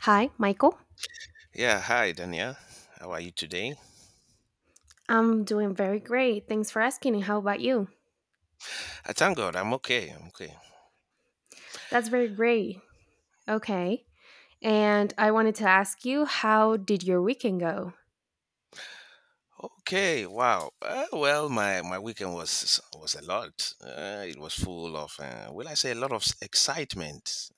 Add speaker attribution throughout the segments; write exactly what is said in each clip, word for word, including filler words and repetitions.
Speaker 1: Hi, Michael.
Speaker 2: Yeah, hi Dania. How are you today?
Speaker 1: I'm doing very great. Thanks for asking. And How about you?
Speaker 2: I thank God I'm okay. I'm okay.
Speaker 1: That's very great. Okay. And I wanted to ask you, how did your weekend go?
Speaker 2: Okay, wow. Uh, well, my my weekend was was a lot. Uh, it was full of uh, will I say a lot of s- excitement.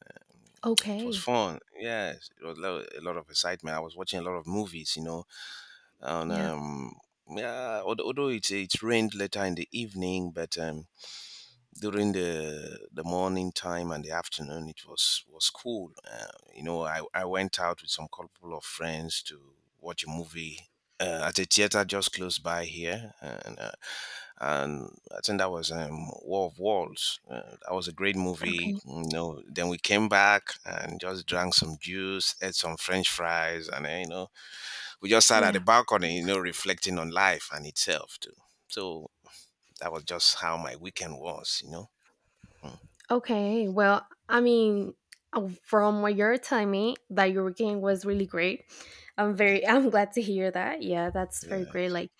Speaker 2: It was
Speaker 1: Okay.
Speaker 2: fun. Yes, it was lo- a lot of excitement. I was watching a lot of movies, you know. And
Speaker 1: Yeah.
Speaker 2: um yeah, al- Although it it rained later in the evening, but um during the the morning time and the afternoon it was was cool, uh, you know I, I went out with some couple of friends to watch a movie uh, at a theater just close by here, and uh, and I think that was, um, War of Walls. Uh, that was a great
Speaker 1: Okay.
Speaker 2: movie. You know, then we came back and just drank some juice, ate some french fries, and then, you know we just sat at the
Speaker 1: Yeah.
Speaker 2: balcony, you know, reflecting on life and itself too. So that was just how my weekend was, you know. Mm.
Speaker 1: Okay. Well, I mean, uh, from what you're telling me, that your weekend was really great. I'm very,
Speaker 2: Yes.
Speaker 1: I'm glad to hear that. Yeah, that's very
Speaker 2: Yeah.
Speaker 1: great. Like,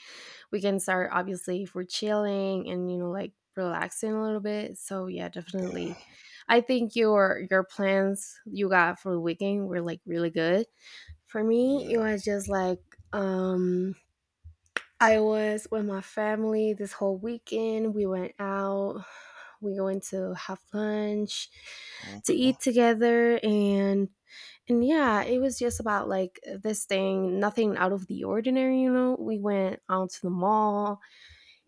Speaker 1: we can start obviously if we're chilling and you know like relaxing a little bit, so yeah, definitely
Speaker 2: Yeah.
Speaker 1: I think your your plans you got for the weekend were like really good. For me, it
Speaker 2: Yeah.
Speaker 1: was just like um I was with my family this whole weekend. We went out, we went to have lunch, to
Speaker 2: Okay.
Speaker 1: eat together. and and yeah, it was just about like this thing, nothing out of the ordinary. You know, we went out to the mall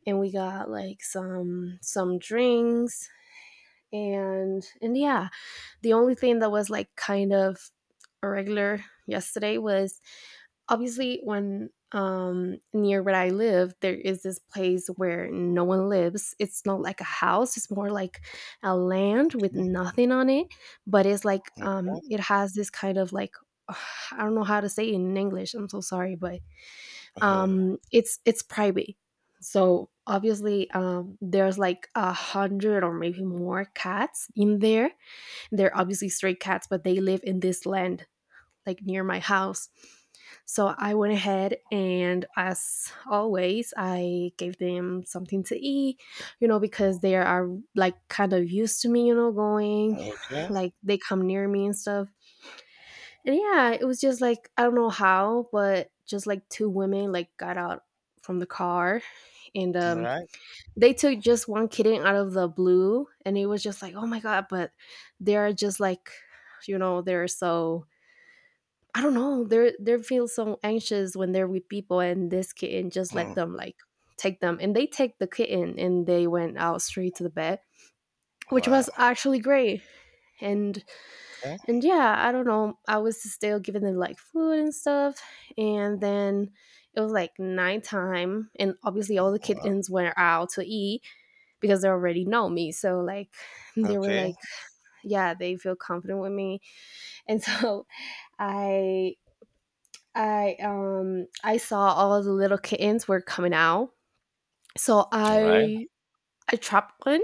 Speaker 1: and we got like some some drinks. And and yeah, the only thing that was like kind of irregular yesterday was, obviously, when um near where I live there is this place where no one lives. It's not like a house, it's more like a land with
Speaker 2: Okay.
Speaker 1: nothing on it, but it's like,
Speaker 2: Okay.
Speaker 1: um it has this kind of like I don't know how to say it in English, I'm so sorry, but um it's it's private. So obviously um there's like a hundred or maybe more cats in there. They're obviously stray cats, but they live in this land, like near my house. So I went ahead, and as always, I gave them something to eat, you know, because they are like kind of used to me, you know,
Speaker 2: Uh,
Speaker 1: going
Speaker 2: okay.
Speaker 1: like they come near me and stuff. And yeah, it was just like I don't know how, but just like two women like got out from the car. And
Speaker 2: All
Speaker 1: um
Speaker 2: right.
Speaker 1: They took just one kitten out of the blue, and it was just like, "Oh my god," but they're just like, you know, they're so, I don't know, they're they feel so anxious when they're with people, and this kitten just let
Speaker 2: Hmm.
Speaker 1: them like take them. And they take the kitten and they went out straight to the bed, which was
Speaker 2: Wow.
Speaker 1: actually great. And
Speaker 2: Okay.
Speaker 1: and yeah, I don't know. I was still giving them like food and stuff. And then it was like nighttime. And obviously, all the
Speaker 2: Wow.
Speaker 1: kittens went out to eat, because they already know me. So, like, they were
Speaker 2: Okay.
Speaker 1: like, yeah, they feel confident with me. And so I. I um I saw all the little kittens were coming out. So
Speaker 2: All right.
Speaker 1: I I trapped one,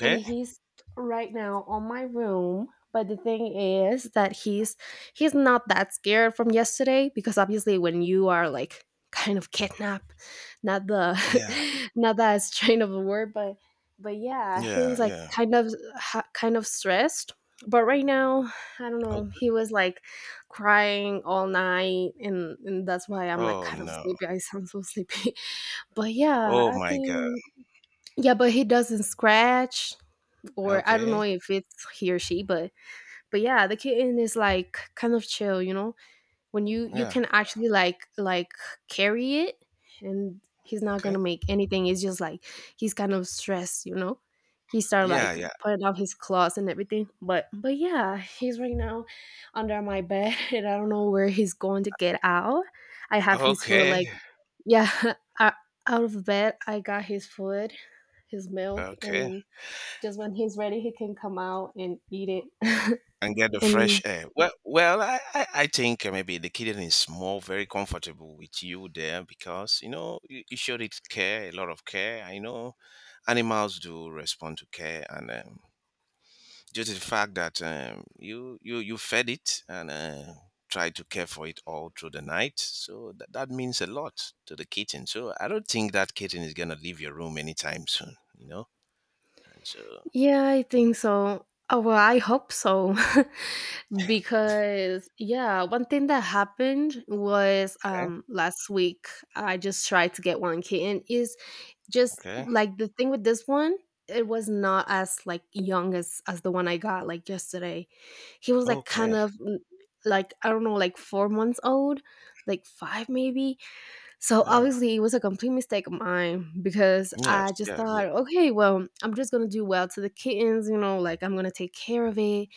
Speaker 1: and he's right now on my room. But the thing is that he's he's not that scared from yesterday, because obviously when you are like kind of kidnapped, not
Speaker 2: Yeah.
Speaker 1: the not that strain of a word, but but yeah, he was
Speaker 2: Yeah.
Speaker 1: like
Speaker 2: Yeah.
Speaker 1: kind of ha- kind of stressed. But right now, I don't know,
Speaker 2: Okay.
Speaker 1: he was like crying all night, and and that's why I'm like
Speaker 2: Oh
Speaker 1: kind of
Speaker 2: no.
Speaker 1: sleepy. I sound so sleepy. But yeah,
Speaker 2: Oh
Speaker 1: I
Speaker 2: my God.
Speaker 1: think, yeah, but he doesn't scratch, or I don't know
Speaker 2: Okay.
Speaker 1: if it's he or she, but but yeah, the kitten is like kind of chill, you know. When you you
Speaker 2: Yeah.
Speaker 1: can actually like like carry it, and he's not
Speaker 2: Okay.
Speaker 1: gonna make anything. It's just like he's kind of stressed, you know. He started
Speaker 2: Yeah.
Speaker 1: like
Speaker 2: Yeah.
Speaker 1: putting out his claws and everything, but but yeah, he's right now under my bed, and I don't know where he's going to get out. I have his foot
Speaker 2: Okay.
Speaker 1: like, yeah, o- out of bed. I got his food, his milk,
Speaker 2: Okay.
Speaker 1: and just when he's ready, he can come out and eat it.
Speaker 2: And get the fresh
Speaker 1: And
Speaker 2: air. Well, well, I, I, I think, uh, maybe the kitten is more very comfortable with you there because you know you, you showed it care, a lot of care. I know animals do respond to care, and, um, just the fact that, um, you you you fed it and, uh, tried to care for it all through the night, so that that means a lot to the kitten. So I don't think that kitten is gonna leave your room anytime soon. You know, and so
Speaker 1: yeah, I think so. Oh, well, I hope so. Because, yeah, one thing that happened was
Speaker 2: okay,
Speaker 1: um, last week, I just tried to get one kitten. Is just
Speaker 2: okay,
Speaker 1: like the thing with this one, it was not as like young as as the one I got like yesterday. He was like
Speaker 2: okay.
Speaker 1: kind of mm, like I don't know, like four months old, like five maybe. So
Speaker 2: Oh,
Speaker 1: obviously, it was a complete mistake of mine, because I
Speaker 2: yes,
Speaker 1: just
Speaker 2: yeah,
Speaker 1: thought,
Speaker 2: yeah.
Speaker 1: okay, well, I'm just gonna do well to the kittens, you know, like I'm gonna take care of it.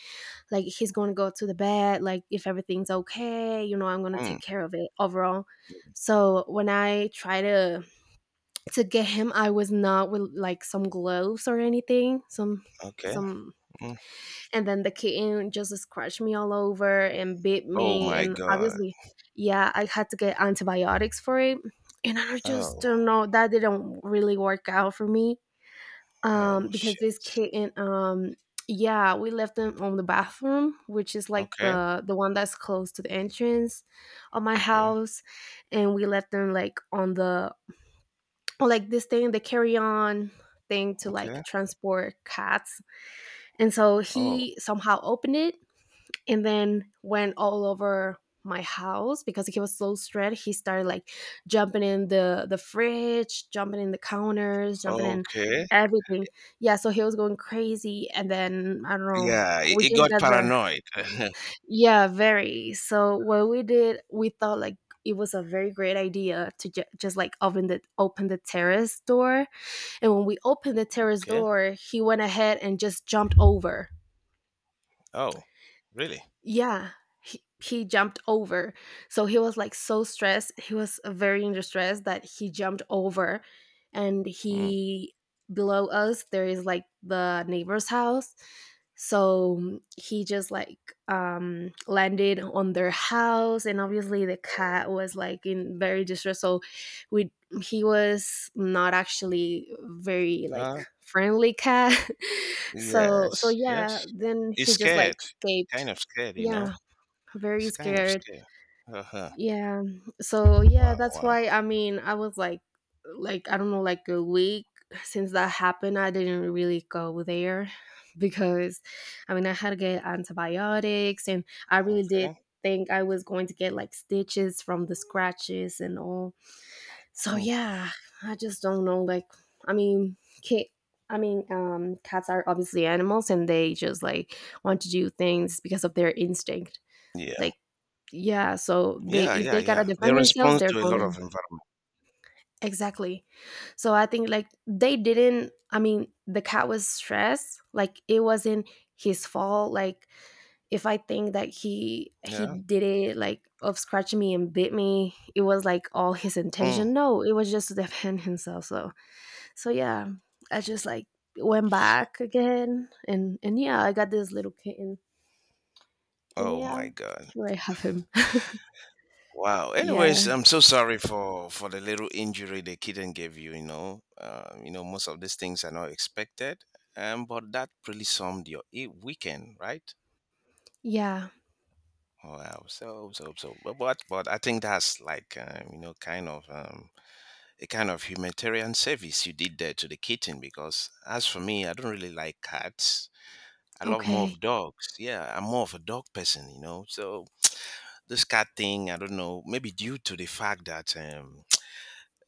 Speaker 1: Like he's gonna go to the bed, like if everything's okay, you know, I'm gonna
Speaker 2: Hmm.
Speaker 1: take care of it overall. So when I try to to get him, I was not with like some gloves or anything, some
Speaker 2: Okay.
Speaker 1: some
Speaker 2: Mm.
Speaker 1: and then the kitten just scratched me all over and bit
Speaker 2: Oh
Speaker 1: me.
Speaker 2: my
Speaker 1: And
Speaker 2: God.
Speaker 1: obviously, yeah, I had to get antibiotics for it. And I just
Speaker 2: Oh.
Speaker 1: don't know, that didn't really work out for me. Um,
Speaker 2: Oh
Speaker 1: because
Speaker 2: shit.
Speaker 1: this kitten, um, yeah, we left them on the bathroom, which is like
Speaker 2: Okay.
Speaker 1: the the one that's close to the entrance of my
Speaker 2: Okay.
Speaker 1: house, and we left them like on the on, like this thing, the carry on thing, to like
Speaker 2: Okay.
Speaker 1: transport cats. And so
Speaker 2: Oh.
Speaker 1: he somehow opened it and then went all over my house, because he was so stressed. He started like jumping in the the fridge, jumping in the counters, jumping in
Speaker 2: Okay.
Speaker 1: everything. Yeah, so he was going crazy, and then I don't know,
Speaker 2: Yeah. It,
Speaker 1: we
Speaker 2: it
Speaker 1: just
Speaker 2: got
Speaker 1: got the,
Speaker 2: paranoid.
Speaker 1: yeah, very, so what we did, we thought like it was a very great idea to ju- just like open the open the terrace door. And when we opened the terrace
Speaker 2: okay.
Speaker 1: door, he went ahead and just jumped over.
Speaker 2: Oh. Really?
Speaker 1: Yeah, he, he jumped over. So he was like so stressed, he was very under stress that he jumped over, and
Speaker 2: Hmm.
Speaker 1: he, below us there is like the neighbor's house, so he just like um landed on their house. And obviously, the
Speaker 2: Oh.
Speaker 1: cat was like in very distress, so we he was not actually very like
Speaker 2: Uh,
Speaker 1: friendly cat. So so
Speaker 2: yes.
Speaker 1: yeah,
Speaker 2: Yes.
Speaker 1: then
Speaker 2: It's
Speaker 1: he just like
Speaker 2: scared. It's
Speaker 1: escaped.
Speaker 2: kind of scared. You know.
Speaker 1: Yeah, very
Speaker 2: It's kind of
Speaker 1: scared.
Speaker 2: scared. Uh huh.
Speaker 1: Yeah. So yeah,
Speaker 2: Wow.
Speaker 1: that's
Speaker 2: Wow.
Speaker 1: why I mean I was like like I don't know, like a week since that happened, I didn't really go there because I mean I had to get antibiotics, and I really did
Speaker 2: Okay.
Speaker 1: think I was going to get like stitches from the scratches and all. So
Speaker 2: Hmm.
Speaker 1: yeah, I just don't know like I mean ca I mean, um, cats are obviously animals, and they just like want to do things because of their instinct.
Speaker 2: Yeah.
Speaker 1: Like, yeah, so they,
Speaker 2: Yeah.
Speaker 1: if
Speaker 2: Yeah.
Speaker 1: they gotta
Speaker 2: Yeah. They
Speaker 1: defend themselves,
Speaker 2: respond
Speaker 1: they're
Speaker 2: to a lot
Speaker 1: gonna,
Speaker 2: of environment.
Speaker 1: exactly. So I think like they didn't, I mean, the cat was stressed, like it wasn't his fault. Like if I think that he he
Speaker 2: Yeah.
Speaker 1: did it like of scratching me and bit me, it was like all his
Speaker 2: Mm.
Speaker 1: intention. No, it was just to defend himself. So so yeah, I just like went back again and and yeah, I got this little kitten. And
Speaker 2: Oh
Speaker 1: yeah,
Speaker 2: my God.
Speaker 1: here I have him.
Speaker 2: Wow.
Speaker 1: Yeah.
Speaker 2: Anyways, I'm so sorry for for the little injury the kitten gave you. You know, um, you know most of these things are not expected, um, but that really summed your e- weekend, right?
Speaker 1: Yeah.
Speaker 2: Wow. So so so. But but, but I think that's like, um, you know, kind of, um, a kind of humanitarian service you did there to the kitten, because as for me, I don't really like cats. I love more
Speaker 1: Okay.
Speaker 2: of dogs. Yeah, I'm more of a dog person, you know. So this cat thing, I don't know, maybe due to the fact that, um,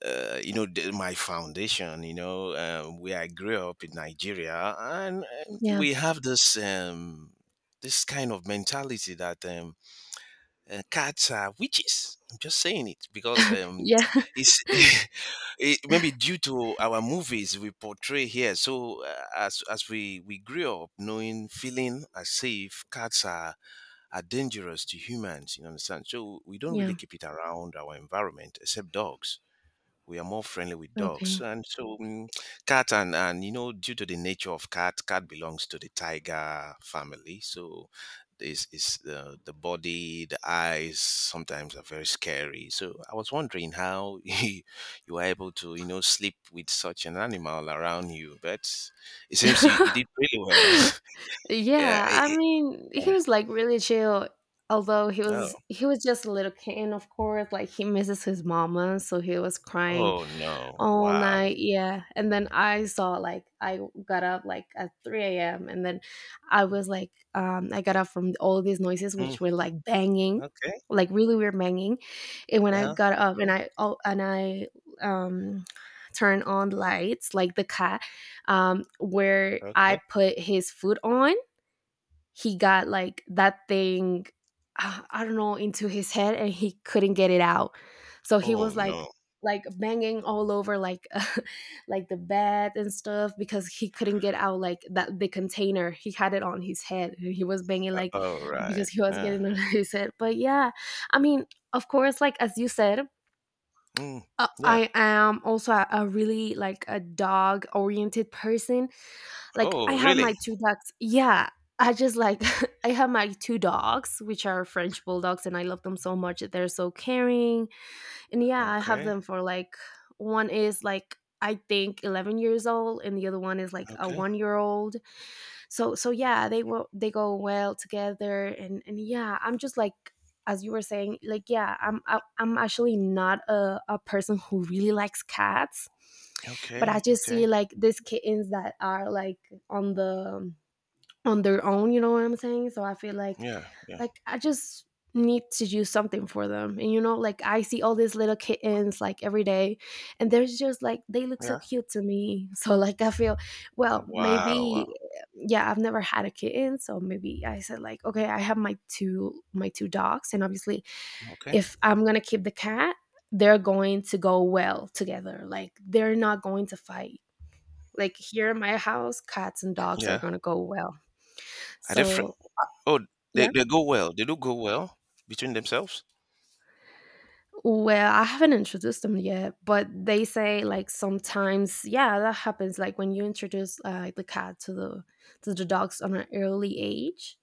Speaker 2: uh, you know the- my foundation, you know, um, where I grew up in Nigeria, and, and
Speaker 1: Yeah.
Speaker 2: we have this, um this kind of mentality that, um uh, cats are witches. I'm just saying it because, um
Speaker 1: Yeah.
Speaker 2: it's it, maybe due to our movies we portray here. So uh, as as we we grew up knowing, feeling as if cats are are dangerous to humans, you understand, so we don't
Speaker 1: Yeah.
Speaker 2: really keep it around our environment except dogs. We are more friendly with dogs,
Speaker 1: Okay.
Speaker 2: and so mm, cat, and and you know, due to the nature of cat, cat belongs to the tiger family. So this is the the body, the eyes sometimes are very scary. So I was wondering how you were able to, you know, sleep with such an animal around you, but it seems you, you did really well. Yeah
Speaker 1: Yeah,
Speaker 2: it,
Speaker 1: I
Speaker 2: it-
Speaker 1: mean, he was like really chill, although he
Speaker 2: oh,
Speaker 1: was he was just a little kid, and of course, like he misses his mama, so he was crying
Speaker 2: oh no,
Speaker 1: all
Speaker 2: wow.
Speaker 1: night. Yeah. And then I saw like I got up like at three a m, and then I was like um I got up from all these noises
Speaker 2: Mm,
Speaker 1: which were like banging,
Speaker 2: okay,
Speaker 1: like really weird banging. And when I
Speaker 2: yeah,
Speaker 1: got up and
Speaker 2: okay,
Speaker 1: I, oh, and I um turned on lights, like the cat, um where I
Speaker 2: okay.
Speaker 1: put his food on, he got like that thing, uh, I don't know, into his head, and he couldn't get it out. So he
Speaker 2: Oh
Speaker 1: was like
Speaker 2: no,
Speaker 1: like banging all over, like like the bed and stuff, because he couldn't get out like that, the container he had it on his head, he was banging like
Speaker 2: all
Speaker 1: because
Speaker 2: right,
Speaker 1: he was
Speaker 2: yeah.
Speaker 1: getting on his head. But yeah, I mean, of course, like as you said,
Speaker 2: Mm,
Speaker 1: uh,
Speaker 2: yeah.
Speaker 1: I am also a, a really like a dog oriented person. Like I
Speaker 2: Oh,
Speaker 1: have
Speaker 2: really?
Speaker 1: my two dogs. Yeah, I just like I have my two dogs, which are French bulldogs, and I love them so much. They're so caring, and yeah, I have
Speaker 2: Okay.
Speaker 1: them for like, one is like I think eleven years old, and the other one is like a
Speaker 2: Okay.
Speaker 1: one year old. So so yeah, they will, they go well together. and and yeah, I'm just like, as you were saying, like yeah, i'm I, i'm actually not a, a person who really likes cats, but I
Speaker 2: Okay.
Speaker 1: just
Speaker 2: Okay.
Speaker 1: see like these kittens that are like on the on their own, you know what I'm saying? So I feel like
Speaker 2: Yeah. Yeah.
Speaker 1: like I just need to do something for them. And you know, like I see all these little kittens like every day, and they're just like they look so
Speaker 2: Yeah.
Speaker 1: cute to me. So like I feel, well,
Speaker 2: Wow.
Speaker 1: maybe
Speaker 2: Wow.
Speaker 1: yeah, I've never had a kitten, so maybe I said like, okay, I have my two my two dogs and obviously
Speaker 2: Okay.
Speaker 1: if I'm going to keep the cat, they're going to go well together. Like they're not going to fight. Like here in my house, cats and dogs are
Speaker 2: Yeah.
Speaker 1: going to go well.
Speaker 2: Are they fri
Speaker 1: So
Speaker 2: Oh, they,
Speaker 1: yeah.
Speaker 2: they go well. They do go well between themselves.
Speaker 1: Well, I haven't introduced them yet, but they say like sometimes, yeah, that happens. Like when you introduce uh, the cat to the to the dogs on an early age,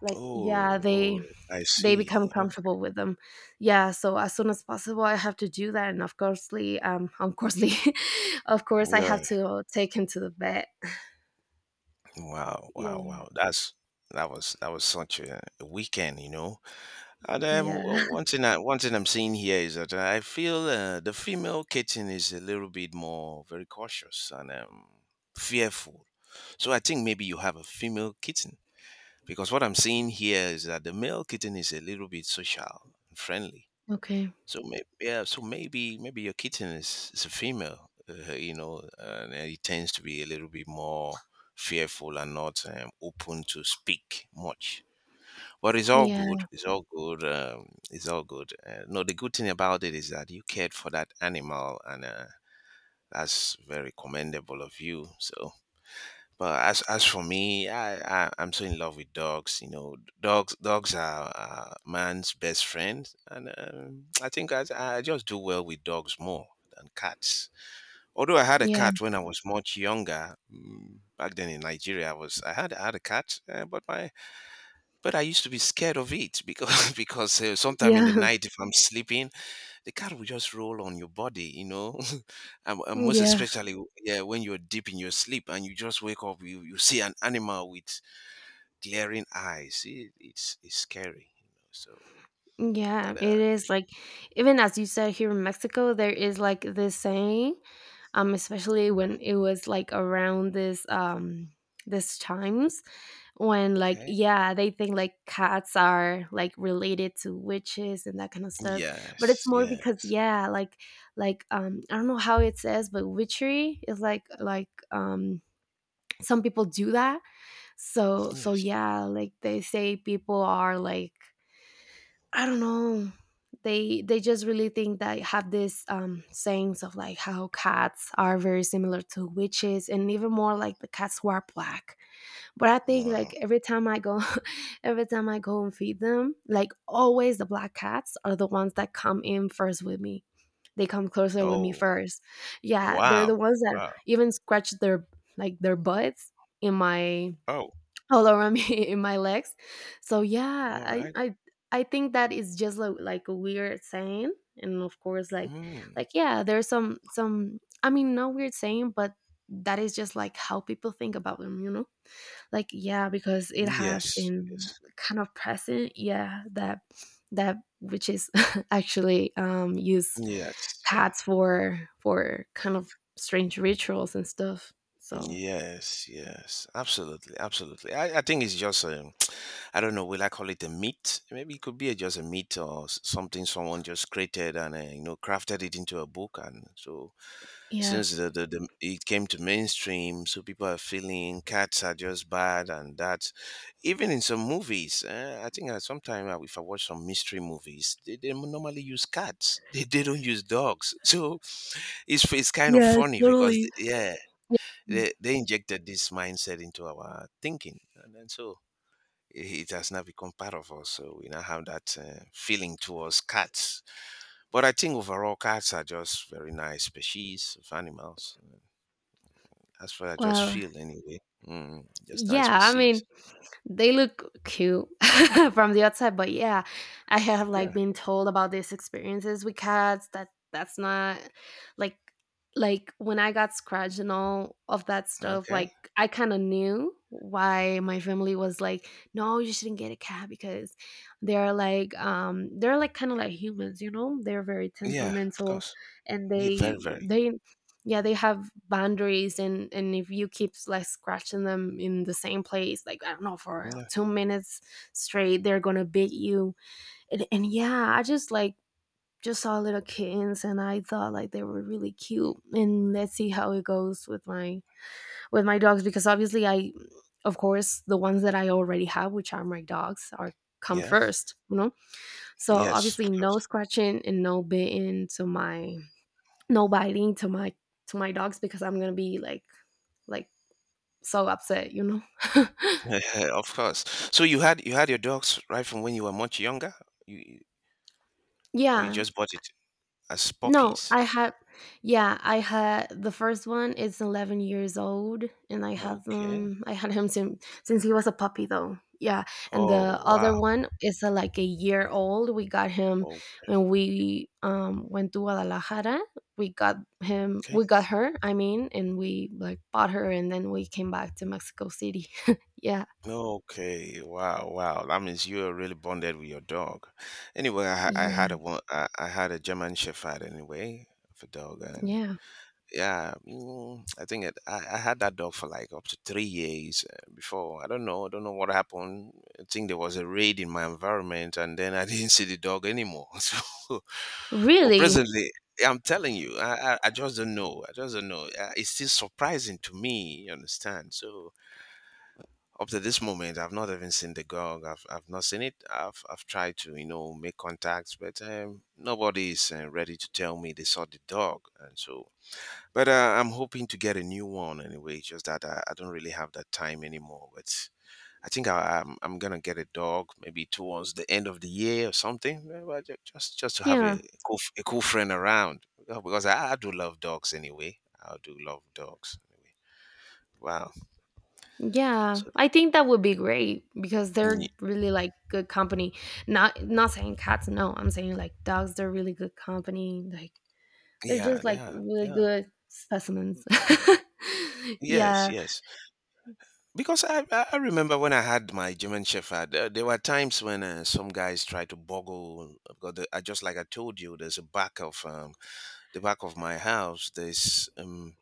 Speaker 1: like yeah,
Speaker 2: Oh, oh,
Speaker 1: they
Speaker 2: I
Speaker 1: they
Speaker 2: see.
Speaker 1: become comfortable
Speaker 2: Okay.
Speaker 1: with them. Yeah, so as soon as possible, I have to do that, and of coursely, um, of coursely, of course, I
Speaker 2: Yeah.
Speaker 1: have to take him to the vet.
Speaker 2: Wow.
Speaker 1: Yeah.
Speaker 2: Wow. Wow. That's that was that was such a, a weekend, you know. And, um, o-
Speaker 1: Yeah.
Speaker 2: one thing I, one thing I'm seeing here is that I feel, uh, the female kitten is a little bit more very cautious and, um, fearful. So I think maybe you have a female kitten, because what I'm seeing here is that the male kitten is a little bit social and friendly.
Speaker 1: Okay.
Speaker 2: So maybe, yeah, so maybe maybe your kitten is, is a female, uh, you know, and it tends to be a little bit more fearful and not, um, open to speak much. But it's all
Speaker 1: Yeah.
Speaker 2: good. It's all good. Um, it's all good. Uh, no, the good thing about it is that you cared for that animal, and, uh, that's very commendable of you. So but as as for me, I, I I'm so in love with dogs. You know, dogs dogs are, uh, man's best friend, and, um, I think I I just do well with dogs more than cats. Although I had a
Speaker 1: Yeah.
Speaker 2: cat when I was much younger, mm, back then in Nigeria, I was I had I had a cat, uh, but my but I used to be scared of it, because because, uh, sometime in the
Speaker 1: Yeah.
Speaker 2: night if I'm sleeping, the cat will just roll on your body, you know, and, and most
Speaker 1: Yeah.
Speaker 2: especially yeah, when you're deep in your sleep and you just wake up, you, you see an animal with glaring eyes. It, it's it's scary, you know. So,
Speaker 1: Yeah,
Speaker 2: but uh,
Speaker 1: it is like even as you said, here in Mexico, there is like this saying, um, especially when it was like around this um this times when like
Speaker 2: okay,
Speaker 1: yeah, they think like cats are like related to witches and that kind of stuff. But it's
Speaker 2: yes,
Speaker 1: more
Speaker 2: yeah,
Speaker 1: because yeah, like like um I don't know how it says, but witchery is like like um some people do that. So so
Speaker 2: yes.
Speaker 1: yeah, like they say people are like I don't know. They they just really think that I have this um sayings of like how cats are very similar to witches, and even more like the cats who are black. But I think
Speaker 2: Wow.
Speaker 1: like every time I go every time I go and feed them, like always the black cats are the ones that come in first with me. They come closer with me
Speaker 2: Oh,
Speaker 1: first. Yeah, they're
Speaker 2: wow,
Speaker 1: the ones that
Speaker 2: wow.
Speaker 1: even scratch their like their butts in my
Speaker 2: Oh,
Speaker 1: all around me in my legs. So yeah,
Speaker 2: all
Speaker 1: I
Speaker 2: right.
Speaker 1: I I think that is just a, like a weird saying, and of course, like
Speaker 2: Hmm.
Speaker 1: like yeah, there's some some. I mean, no weird saying, but that is just like how people think about them, you know. Like yeah, because it has
Speaker 2: Yes.
Speaker 1: been
Speaker 2: Yes.
Speaker 1: kind of present. Yeah, that that which is actually um use
Speaker 2: Yes, yeah.
Speaker 1: cats for for kind of strange rituals and stuff. So
Speaker 2: Yes, yes, absolutely, absolutely. I, I think it's just, um, I don't know, will I call it a meat? Maybe it could be a, just a meat, or s- something someone just created and, uh, you know, crafted it into a book. And so
Speaker 1: yeah.
Speaker 2: since the, the, the, it came to mainstream, so people are feeling cats are just bad and that. Even in some movies, uh, I think sometimes if I watch some mystery movies, they, they normally use cats. They, they don't use dogs. So it's, it's kind of
Speaker 1: Yeah,
Speaker 2: funny because,
Speaker 1: totally.
Speaker 2: yeah, they, they injected this mindset into our thinking. And then so it has not become part of us. So we now have that, uh, feeling towards cats. But I think overall, cats are just very nice species of animals. That's what I just
Speaker 1: Well,
Speaker 2: feel anyway. Mm, just nice
Speaker 1: yeah, I mean,
Speaker 2: species.
Speaker 1: they look cute from the outside, but yeah, I have like
Speaker 2: Yeah.
Speaker 1: been told about these experiences with cats that that's not like like when I got scratched and all of that stuff,
Speaker 2: Okay.
Speaker 1: like I kind of knew why my family was like, no, you shouldn't get a cat because they're like um they're like kind of like humans, you know? They're very
Speaker 2: Yeah. Of
Speaker 1: temperamental
Speaker 2: course.
Speaker 1: and
Speaker 2: Yeah.
Speaker 1: they
Speaker 2: Very. Very.
Speaker 1: they yeah they have boundaries and and if you keep like scratching them in the same place like I don't know for
Speaker 2: Yeah.
Speaker 1: two minutes straight they're gonna beat you and, and yeah I just like just saw little kittens and I thought like they were really cute and let's see how it goes with my with my dogs because obviously I of course the ones that I already have which are my dogs are come
Speaker 2: Yeah.
Speaker 1: first you know so
Speaker 2: Yes. Of
Speaker 1: obviously no
Speaker 2: course.
Speaker 1: scratching and no biting to my no biting to my to my dogs because I'm gonna be like like so upset, you know.
Speaker 2: of course. So you had you had your dogs right from when you were much younger. You you- or you
Speaker 1: yeah.
Speaker 2: just bought it as
Speaker 1: No,
Speaker 2: puppies.
Speaker 1: I had yeah, I had the first one is eleven years old and I have
Speaker 2: Okay.
Speaker 1: um I had him since since he was a puppy though. Yeah, and the
Speaker 2: Oh
Speaker 1: other
Speaker 2: wow.
Speaker 1: one is uh, like a year old. We got him
Speaker 2: Okay.
Speaker 1: when we um went to Guadalajara. We got him we got her, I mean, and we like bought her and then we came back to Mexico City. yeah.
Speaker 2: Okay, wow, wow. That means you are really bonded with your dog. Anyway, I, ha- I
Speaker 1: Yeah.
Speaker 2: had a one, I, I had a German Shepherd anyway of a dog, and
Speaker 1: Yeah.
Speaker 2: yeah, mm, I think it, I, I had that dog for like up to three years, uh, before. I don't know, I don't know what happened. I think there was a raid in my environment, and then I didn't see the dog anymore. So, well,
Speaker 1: Really?
Speaker 2: presently. I'm telling you, I, I, I just don't know. I just don't know. Uh, It's still surprising to me, you understand? So, up to this moment I've not even seen the girl. i've, I've not seen it. I've, I've tried to, you know, make contacts, but, um, nobody is, uh, ready to tell me they saw the dog. And so, but, uh, I'm hoping to get a new one anyway, just that I, I don't really have that time anymore, but I think I, I'm, I'm gonna get a dog maybe towards the end of the year or something, uh, well, ju- just just to have
Speaker 1: Yeah.
Speaker 2: a cool, f- a cool friend around. Uh, because I, I do love dogs anyway. I do love dogs anyway. Wow,
Speaker 1: Yeah.
Speaker 2: so
Speaker 1: I think that would be great because they're really like good company. Not not saying cats, no. I'm saying like dogs, they're really good company. Like they're just
Speaker 2: yeah, they
Speaker 1: like
Speaker 2: are they
Speaker 1: really
Speaker 2: are.
Speaker 1: good specimens.
Speaker 2: Yes,
Speaker 1: yeah.
Speaker 2: yes. Because I, I I remember when I had my German Shepherd, uh, there were times when, uh, some guys tried to boggle. Because the, I just like I told you, there's a back of, um, the back of my house. There's um,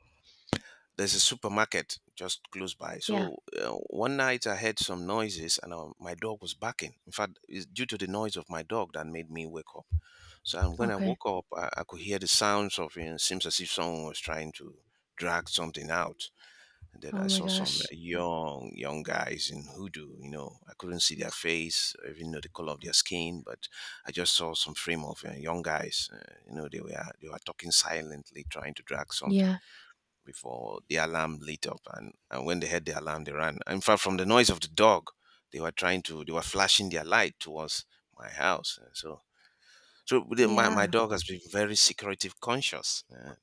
Speaker 2: there's a supermarket just close by.
Speaker 1: Yeah.
Speaker 2: So, uh, one night I heard some noises, and, uh, my dog was barking. In fact, it's due to the noise of my dog that made me wake up. So and when I
Speaker 1: Okay.
Speaker 2: woke up, I, I could hear the sounds of. It seems as if someone was trying to drag something out, and then I
Speaker 1: Oh my
Speaker 2: saw some, uh,
Speaker 1: gosh.
Speaker 2: young, young guys in hoodoo. You know, I couldn't see their face, or even know the color of their skin, but I just saw some frame of, uh, young guys. Uh, you know, they were they were talking silently, trying to drag something
Speaker 1: Yeah.
Speaker 2: before the alarm lit up. And, and when they heard the alarm, they ran. In fact, from the noise of the dog, they were trying to they were flashing their light towards my house. Uh, So. So the- my, my
Speaker 1: Yeah.
Speaker 2: dog has been very security conscious. Uh, uh,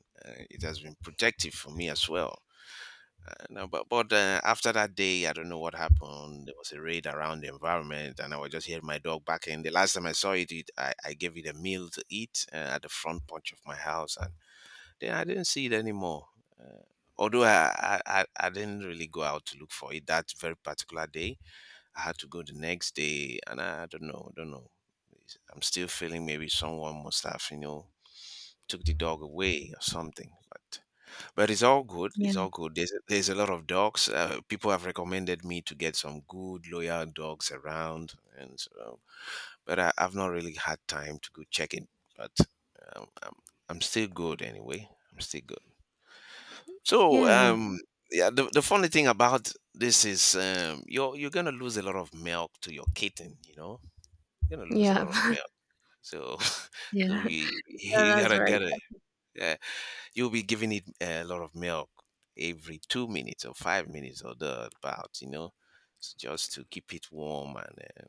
Speaker 2: It has been protective for me as well. Uh, No, but but uh, after that day, I don't know what happened. There was a raid around the environment, and I was just hearing my dog barking. The last time I saw it, it I, I gave it a meal to eat uh, at the front porch of my house, and then I didn't see it anymore. Uh, although I, I I I didn't really go out to look for it that very particular day. I had to go the next day, and I don't know, don't know. It's- I'm still feeling maybe someone must have you know took the dog away or something, but. But it's all good. It's
Speaker 1: Yeah.
Speaker 2: all good. There's there's a lot of dogs. Uh, people have recommended me to get some good loyal dogs around, and so, but I, I've not really had time to go check it. But um, I'm I'm still good anyway. I'm still good. So
Speaker 1: Yeah.
Speaker 2: um yeah, the, the funny thing about this is um you're you're gonna lose a lot of milk to your kitten. You know, you're gonna lose a
Speaker 1: Yeah.
Speaker 2: lot of milk. So so
Speaker 1: yeah.
Speaker 2: you
Speaker 1: Yeah,
Speaker 2: you
Speaker 1: that's
Speaker 2: gotta
Speaker 1: right.
Speaker 2: get it. Yeah, you'll be giving it a lot of milk every two minutes or five minutes or thereabout, you know, so just to keep it warm. And uh,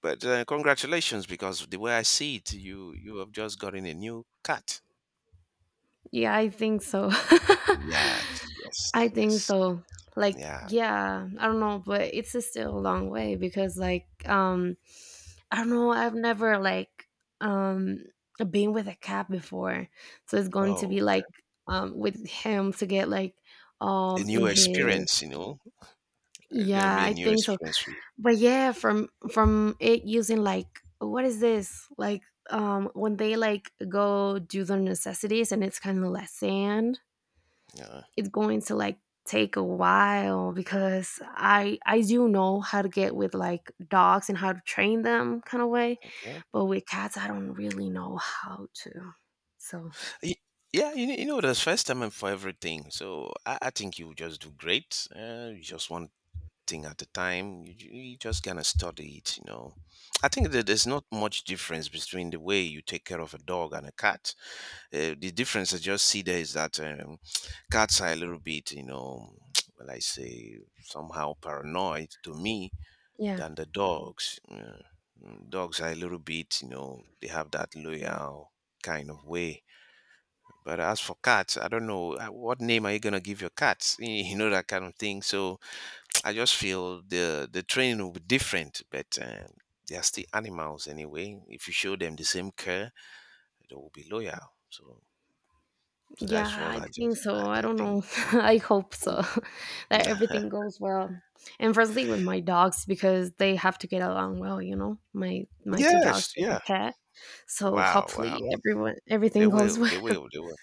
Speaker 2: but uh, Congratulations, because the way I see it, you you have just gotten a new cat.
Speaker 1: Yeah, I think so.
Speaker 2: Yes,
Speaker 1: I
Speaker 2: yes,
Speaker 1: think
Speaker 2: yes,
Speaker 1: so. Like,
Speaker 2: yeah.
Speaker 1: yeah, I don't know, but it's a still a long way because, like, um, I don't know, I've never like um been with a cat before, so it's going to be
Speaker 2: Oh,
Speaker 1: like um with him to get like
Speaker 2: a
Speaker 1: um in
Speaker 2: new
Speaker 1: his
Speaker 2: experience, you know, it's gonna
Speaker 1: yeah,
Speaker 2: be a
Speaker 1: I
Speaker 2: new
Speaker 1: think so.
Speaker 2: experience for you.
Speaker 1: But yeah, from from it using like what is this like um when they like go do their necessities and it's kind of less sand,
Speaker 2: Yeah,
Speaker 1: it's going to like take a while because I I do know how to get with like dogs and how to train them kind of way,
Speaker 2: okay.
Speaker 1: but with cats I don't really know how to. So
Speaker 2: Y- Yeah, you, kn- you know, there's first time and for everything. So I, I think you just do great. Uh, you just want thing at the time. You, ju- you just gonna study it, you know. I think that there's not much difference between the way you take care of a dog and a cat. Uh, the difference I just see there is that um, cats are a little bit, you know, well, I say somehow paranoid to me
Speaker 1: yeah,
Speaker 2: than the dogs. Yeah. Mm, Dogs are a little bit, you know, they have that loyal kind of way. But as for cats, I don't know uh, what name are you gonna give your cats, you know, that kind of thing. So I just feel the the training will be different, but um, they are still animals anyway. If you show them the same care, they will be loyal. So, so
Speaker 1: yeah,
Speaker 2: that's what
Speaker 1: I
Speaker 2: I
Speaker 1: think
Speaker 2: just
Speaker 1: so.
Speaker 2: I,
Speaker 1: I
Speaker 2: I
Speaker 1: don't
Speaker 2: think.
Speaker 1: know. I hope so that everything goes well. And firstly with my dogs because they have to get along well, you know, my my two dogs
Speaker 2: Yes,
Speaker 1: with the
Speaker 2: yeah.
Speaker 1: cat. So
Speaker 2: Wow, wow.
Speaker 1: hopefully everyone
Speaker 2: They
Speaker 1: everything goes
Speaker 2: will,
Speaker 1: well.
Speaker 2: they will, they will.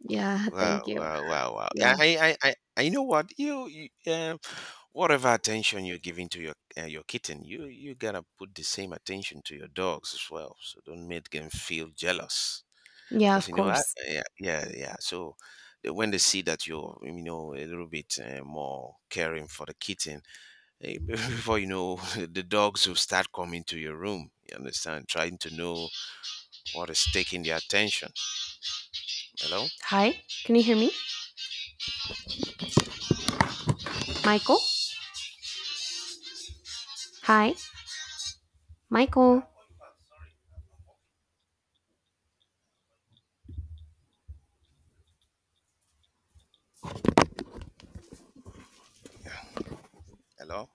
Speaker 1: Yeah,
Speaker 2: Wow,
Speaker 1: thank you.
Speaker 2: wow, wow, wow. Yeah,
Speaker 1: Yeah,
Speaker 2: I, I, I, I you know what you, you uh, whatever attention you're giving to your uh, your kitten, you you gotta put the same attention to your dogs as well. So don't make them feel jealous.
Speaker 1: yeah,
Speaker 2: Because
Speaker 1: of
Speaker 2: you know I,
Speaker 1: course.
Speaker 2: yeah, yeah, yeah, so they- when they see that you're, you know, a little bit uh, more caring for the kitten, eh, before you know the dogs will start coming to your room, you understand, trying to know what is taking their attention. Hello,
Speaker 1: Hi, can you hear me? Michael? Hi, Michael.
Speaker 2: hello,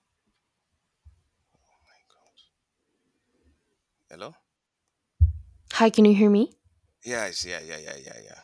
Speaker 2: hello.
Speaker 1: Hi, can you hear me?
Speaker 2: Yes, yeah, yeah, yeah, yeah, yeah.